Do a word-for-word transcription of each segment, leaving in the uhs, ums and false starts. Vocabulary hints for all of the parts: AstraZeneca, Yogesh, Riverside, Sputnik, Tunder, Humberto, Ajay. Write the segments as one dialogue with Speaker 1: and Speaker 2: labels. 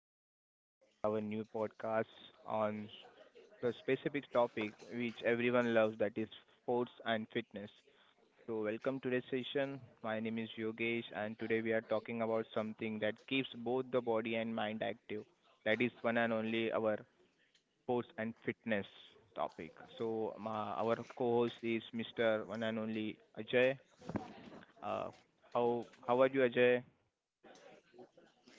Speaker 1: Um, today I have, I have a new podcast on the specific topic which everyone loves, that is sports and fitness. So welcome to this session. My name is Yogesh, and today we are talking about something that keeps both the body and mind active. That is one and only our sports and fitness topic. So my, our co-host is mister One and only Ajay. Uh, how how are you, Ajay?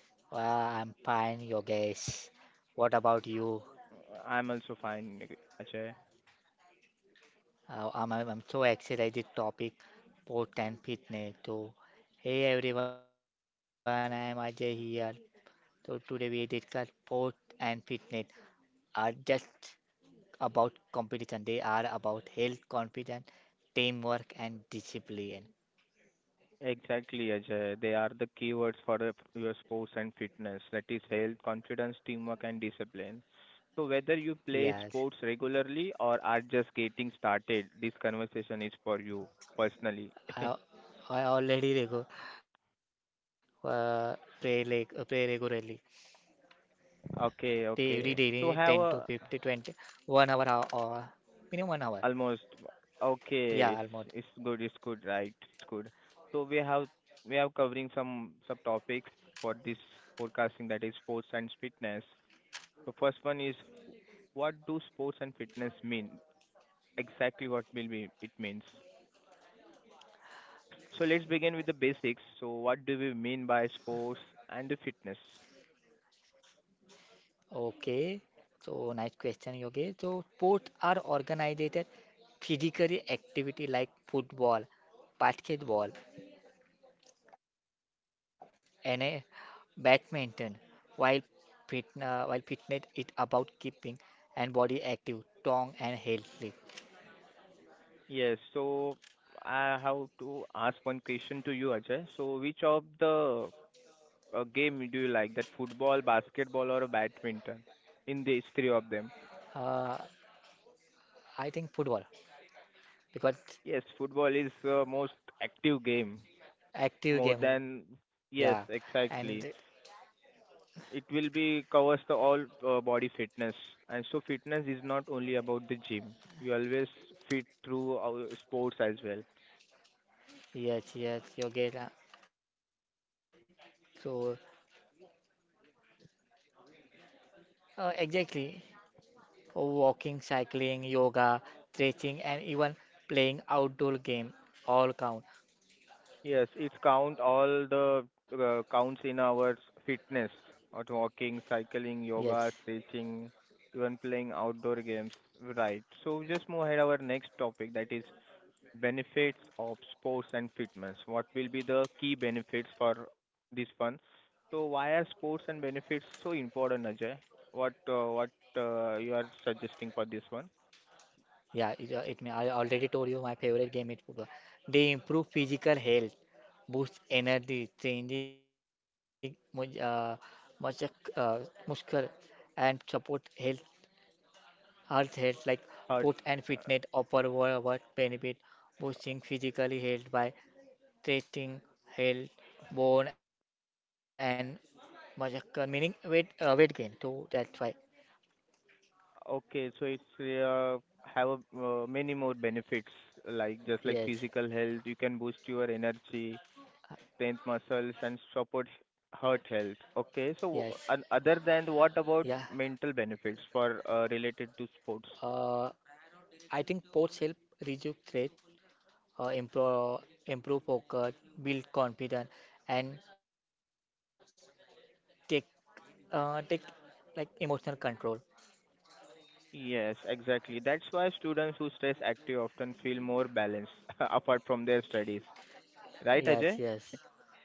Speaker 2: Uh, I'm fine, Yogesh. What about you?
Speaker 1: Uh, I'm also fine, Ajay.
Speaker 2: Uh, I'm, I'm I'm so excited topic, sport and fitness. So, hey everyone, I am Ajay here. So today we discuss sport and fitness are just about competition. They are about health, confidence, teamwork, and discipline.
Speaker 1: Exactly, Ajay. They are the keywords for the- your sports and fitness. That is health, confidence, teamwork, and discipline. So whether you play
Speaker 2: Yes,
Speaker 1: sports regularly or are just getting started, this conversation is for you personally.
Speaker 2: I, I already regu- uh, pray, like, play regularly. They every
Speaker 1: Okay,
Speaker 2: day ten to
Speaker 1: okay. So
Speaker 2: fifty
Speaker 1: have
Speaker 2: twenty
Speaker 1: a
Speaker 2: one hour ho- or minimum one hour.
Speaker 1: almost
Speaker 2: Yeah,
Speaker 1: okay. It's
Speaker 2: almost.
Speaker 1: it's good. It's good, right? It's good. So we have we have covering some subtopics for this podcasting that is sports and fitness. The first one is, what do sports and fitness mean? Exactly what will be it means. So let's begin with the basics. So what do we mean by sports and the fitness?
Speaker 2: Okay. So nice question, Yogesh. So sports are organized physical activity like football, basketball, and uh, badminton. While fit, uh, while fitness is about keeping and body active, strong and healthy.
Speaker 1: Yes, so I have to ask one question to you, Ajay. So which of the uh, game do you like? That football, basketball, or badminton? In these three of them.
Speaker 2: Uh, I think football because
Speaker 1: Yes, football is the most active game. More
Speaker 2: active game,
Speaker 1: than,
Speaker 2: yeah.
Speaker 1: yes,
Speaker 2: And
Speaker 1: exactly. It will be covers the all uh, body fitness, and so fitness is not only about the gym. You always fit through our sports as well.
Speaker 2: yes, yes, yoga. So uh, exactly, oh, walking, cycling, yoga, stretching, and even playing outdoor game all count.
Speaker 1: Yes, it's count all the uh, counts in our fitness, or walking,
Speaker 2: Yes,
Speaker 1: cycling, yoga, stretching, even playing outdoor games, right? So just move ahead our next topic, that is benefits of sports and fitness. What will be the key benefits for this one? So why are sports and benefits so important, Ajay? What uh, what uh, You are suggesting for this one?
Speaker 2: yeah. It, uh, it may, I already told you my favorite game is football. They improve physical health, boost energy, training, mu- uh, muscle, uh, muscle, and support health. Our health, like sport
Speaker 1: Uh,
Speaker 2: and fitness, offer
Speaker 1: uh,
Speaker 2: worldwide benefit, boosting physically health by treating health, bone and muscle, meaning weight uh, weight gain. So that's why,
Speaker 1: okay, so it's uh, have a, uh, many more benefits like just like
Speaker 2: yes,
Speaker 1: physical health. You can boost your energy, strength, muscles, and support heart health.
Speaker 2: yes,
Speaker 1: Okay, so and other than,
Speaker 2: yeah.
Speaker 1: what about mental benefits for uh, related to sports?
Speaker 2: Uh, I think sports help reduce stress, uh, improve improve focus, build confidence, and take uh, take like emotional control.
Speaker 1: Yes, exactly. That's why students who stays active often feel more balanced apart from their studies. Right, Ajay?
Speaker 2: Yes, yes,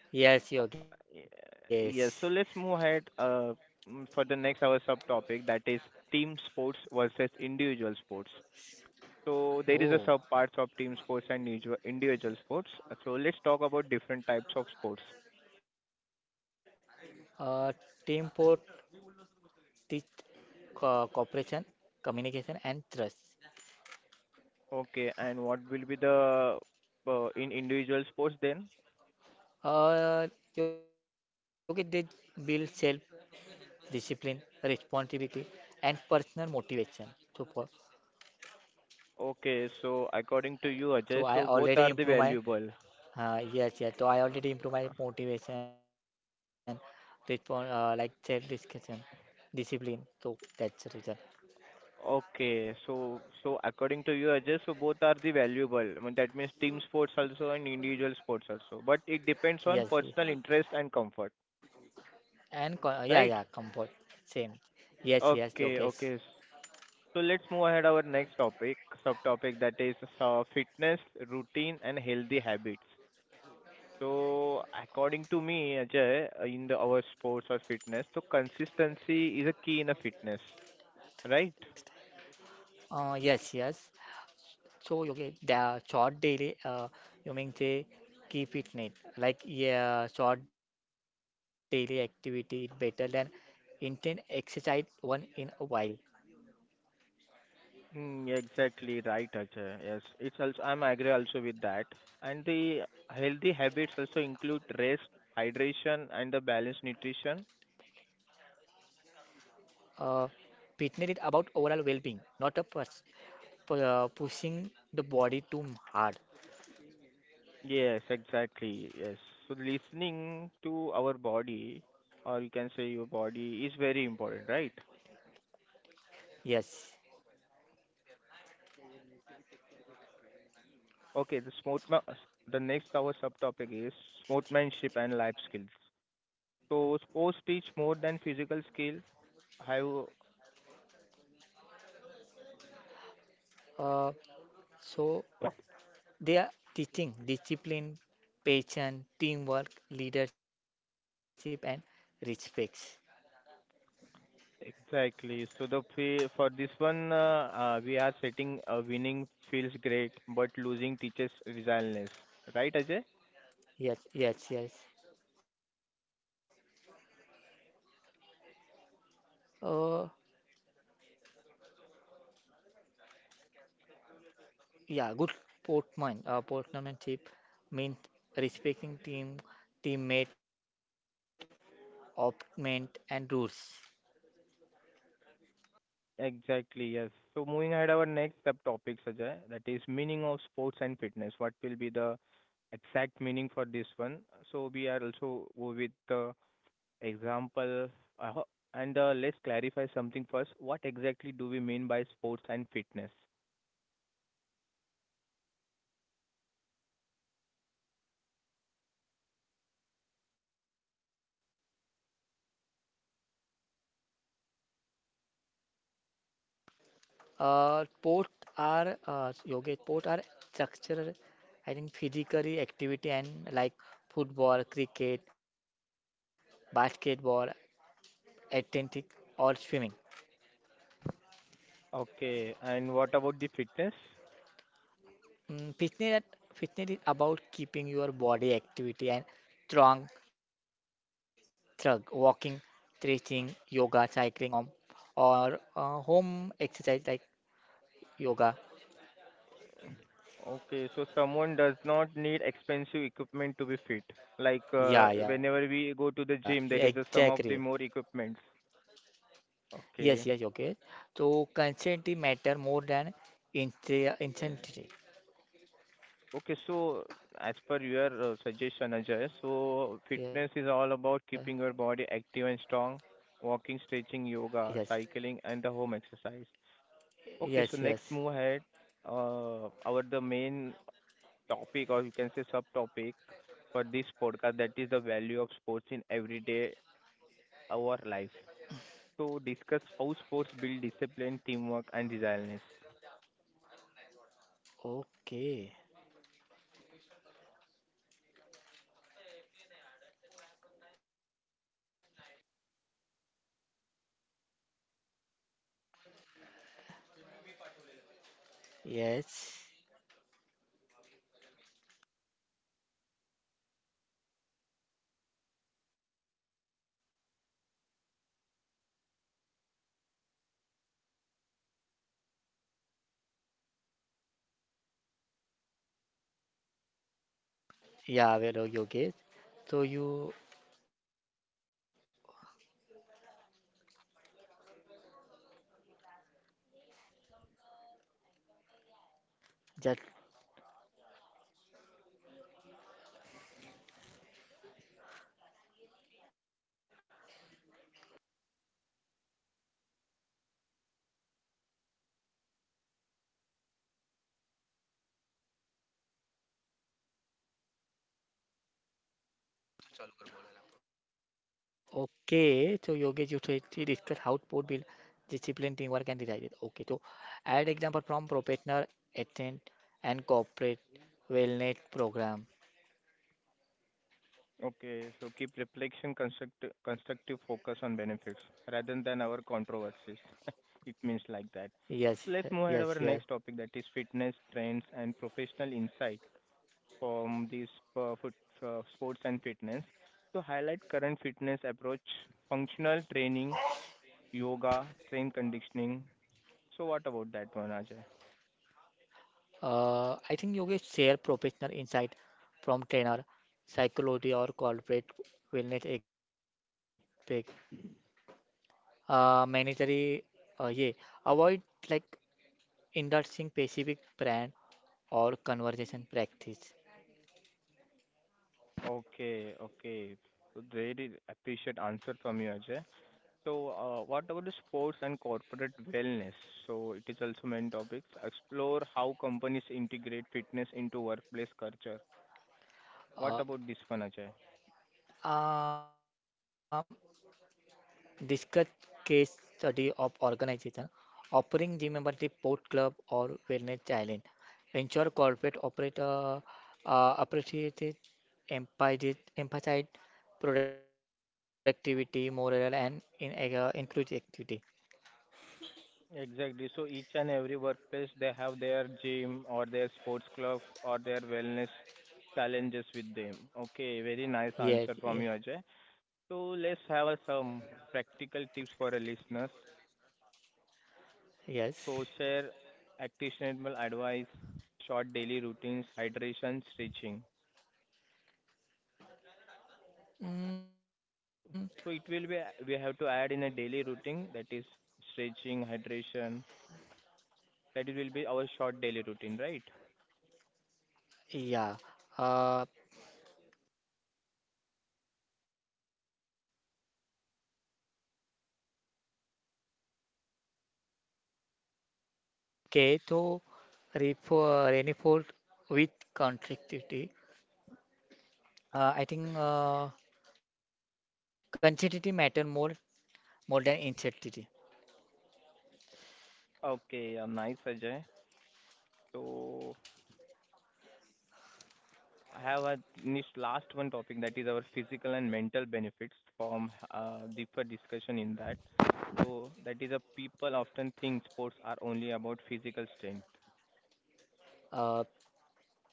Speaker 1: Uh,
Speaker 2: yes,
Speaker 1: y-
Speaker 2: your guess.
Speaker 1: Yes, so let's move ahead, uh, mm, for the next our subtopic, that is team sports versus individual sports. So there is a sub parts of
Speaker 2: Oh.
Speaker 1: team sports and individual individual sports. So let's talk about different types of sports.
Speaker 2: Uh, teamwork teach co- cooperation, communication, and trust.
Speaker 1: Okay, and what will be the uh, in individual sports then?
Speaker 2: Uh, okay, they build self discipline, responsibility, and personal motivation. So, for,
Speaker 1: Okay, so according to
Speaker 2: so
Speaker 1: you,
Speaker 2: I
Speaker 1: Ajay, so
Speaker 2: already
Speaker 1: both are
Speaker 2: improve
Speaker 1: the
Speaker 2: my,
Speaker 1: valuable.
Speaker 2: uh, yes, yes. So I
Speaker 1: Uh,
Speaker 2: already improve my motivation, respon uh, like self discussion, discipline. So that's the reason.
Speaker 1: Okay. So, so according to you, Ajay, so both are the valuable. I mean, that means team sports also and individual sports also. But it depends
Speaker 2: Yes,
Speaker 1: on
Speaker 2: yes.
Speaker 1: personal interest and comfort,
Speaker 2: and co- yeah, yeah, comfort.
Speaker 1: right?
Speaker 2: Same. Yes, yes, Yogesh.
Speaker 1: Okay, okay. S- So let's move ahead our next topic, subtopic, that is uh, fitness routine and healthy habits. So according to me, Ajay, uh, in the our sports or fitness, so consistency is a key in a fitness, right?
Speaker 2: Uh, yes, yes. So Yogesh, the short daily, uh, you mean say keep it neat. Like yeah, short daily activity is better than intense exercise one in a while.
Speaker 1: Mm, exactly right, Ajay. Yes, it's also I'm agree also with that. And the healthy habits also include rest, hydration, and the balanced nutrition.
Speaker 2: Uh, fitness is about overall well-being, not a pers- pu- uh, pushing the body too hard.
Speaker 1: Yes, exactly. Yes. So listening to our body, or you can say your body, is very important, right?
Speaker 2: Yes.
Speaker 1: Okay. The sportsman. The next our subtopic is sportsmanship and life skills. So sports teach more than physical skill. Have
Speaker 2: Uh, so they are teaching discipline, patience, teamwork, leadership, and respect.
Speaker 1: exactly. So the fee for this one, uh, uh, we are setting a winning feels great, but losing teaches resilience. Right, Ajay?
Speaker 2: Yes, yes, yes. Uh, yeah, good Portman, uh, portmanship means respecting team, teammate, opponent, and rules.
Speaker 1: Exactly, yes. So moving ahead, our next subtopic, Ajay, that is meaning of sports and fitness. What will be the exact meaning for this one? So we are also go with the example, uh, and uh, let's clarify something first. What exactly do we mean by sports and fitness?
Speaker 2: Uh, port are uh, yoga Port are structural, I think physically activity and like football, cricket, basketball, athletics or swimming.
Speaker 1: Okay, and what about the fitness?
Speaker 2: Mm, fitness, at- fitness is about keeping your body activity and strong through walking, stretching, yoga, cycling, um, or uh, home exercise like yoga.
Speaker 1: Okay, so someone does not need expensive equipment to be fit. Like uh,
Speaker 2: Yeah, yeah,
Speaker 1: whenever we go to the
Speaker 2: exactly.
Speaker 1: gym, there is a some of the more equipments.
Speaker 2: Yes, yes,
Speaker 1: Okay.
Speaker 2: Yogesh. So consistency matter more than intre-
Speaker 1: And
Speaker 2: intensity.
Speaker 1: okay, so as per your uh, suggestion, Ajay, so
Speaker 2: Yeah,
Speaker 1: fitness is all about keeping your body active and strong, walking, stretching,
Speaker 2: yes,
Speaker 1: yoga, cycling, and the home exercise.
Speaker 2: yes,
Speaker 1: Okay, so
Speaker 2: yes.
Speaker 1: next move ahead. Uh, our the main topic, or you can say subtopic, for this podcast, that is the value of sports in everyday our life. So discuss how sports build discipline, teamwork, and resilience.
Speaker 2: Okay, yes. Yeah, well, Yogesh. So you just Okay, so Yogesh, you actually discuss how sport build discipline, teamwork, and desire. Okay, so add example from professional athlete and corporate wellness program.
Speaker 1: Okay, so keep reflection construct- constructive focus on benefits rather than our controversies. It means like that.
Speaker 2: Yes,
Speaker 1: Let's move
Speaker 2: yes,
Speaker 1: ahead our
Speaker 2: yes.
Speaker 1: next topic, that is fitness trends and professional insight from this uh, foot, uh, sports and fitness. So highlight current fitness approach, functional training, yoga, strength conditioning. So what about that one, Ajay?
Speaker 2: Uh, I think Yogesh share professional insight from trainer, psychology or corporate wellness aspect. Uh, mandatory, uh, yeah. Avoid like indulging specific brand or conversation practice.
Speaker 1: Okay, okay. Really appreciate answer from you, Ajay. So, uh, what about the sports and corporate wellness? So, it is also main topics. Explore how companies integrate fitness into workplace culture. What
Speaker 2: Uh,
Speaker 1: about this one, Ajay?
Speaker 2: uh, discuss case study of organization offering gym membership, sport club, or wellness challenge. Ensure corporate operator uh, appreciate it, emphasize, emphasize productivity, moral, and in, uh, inclusivity.
Speaker 1: Exactly. So, each and every workplace, they have their gym or their sports club or their wellness challenges with them. Okay, very nice
Speaker 2: Yes,
Speaker 1: answer
Speaker 2: yes,
Speaker 1: from you, Ajay. So let's have a some practical tips for the listeners.
Speaker 2: yes.
Speaker 1: So share actionable advice, short daily routines, hydration, stretching.
Speaker 2: Mm,
Speaker 1: So it will be, we have to add in a daily routine, that is stretching, hydration. That will be our short daily routine, right?
Speaker 2: yeah. Uh, okay, so refor- reinforce with contradictivity. Uh, I think uh, quantity matter more more than intensity.
Speaker 1: Okay, uh, nice Ajay. So I have a niche last one topic, that is our physical and mental benefits from uh, deeper discussion in that. So that is, a people often think sports are only about physical strength.
Speaker 2: Uh,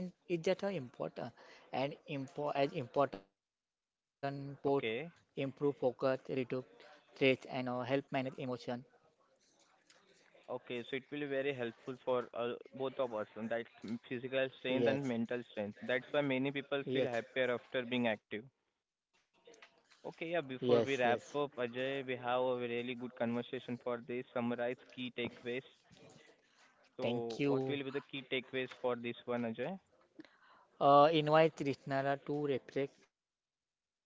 Speaker 2: but mental strength is just as important and impo as important both
Speaker 1: Okay.
Speaker 2: improve focus, reduce stress, and uh, help manage emotion.
Speaker 1: Okay, so it will be very helpful for uh, both of us, and that's m- physical strength and mental strength.
Speaker 2: Yes,
Speaker 1: That's why many people feel happier after being
Speaker 2: yes,
Speaker 1: active. Okay, yeah, before
Speaker 2: yes,
Speaker 1: we wrap
Speaker 2: yes.
Speaker 1: up, Ajay, we have a really good conversation for this. Summarize key takeaways. So, what will be the
Speaker 2: Thank
Speaker 1: key
Speaker 2: you.
Speaker 1: takeaways for this one, Ajay?
Speaker 2: Uh, invite listener to reflect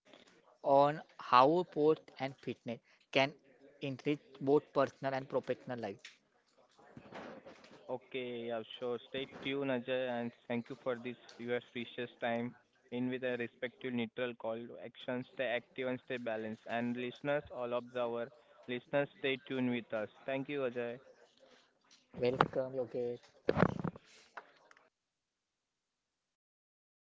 Speaker 2: on how sport and fitness can enrich both personal and professional life.
Speaker 1: Okay, yeah, sure. Stay tuned, Ajay, and thank you for this your precious time. In with a respective neutral call to action, stay active and stay balanced. And listeners, all of the our listeners, stay tuned with us. Thank you, Ajay.
Speaker 2: Welcome, Yogesh.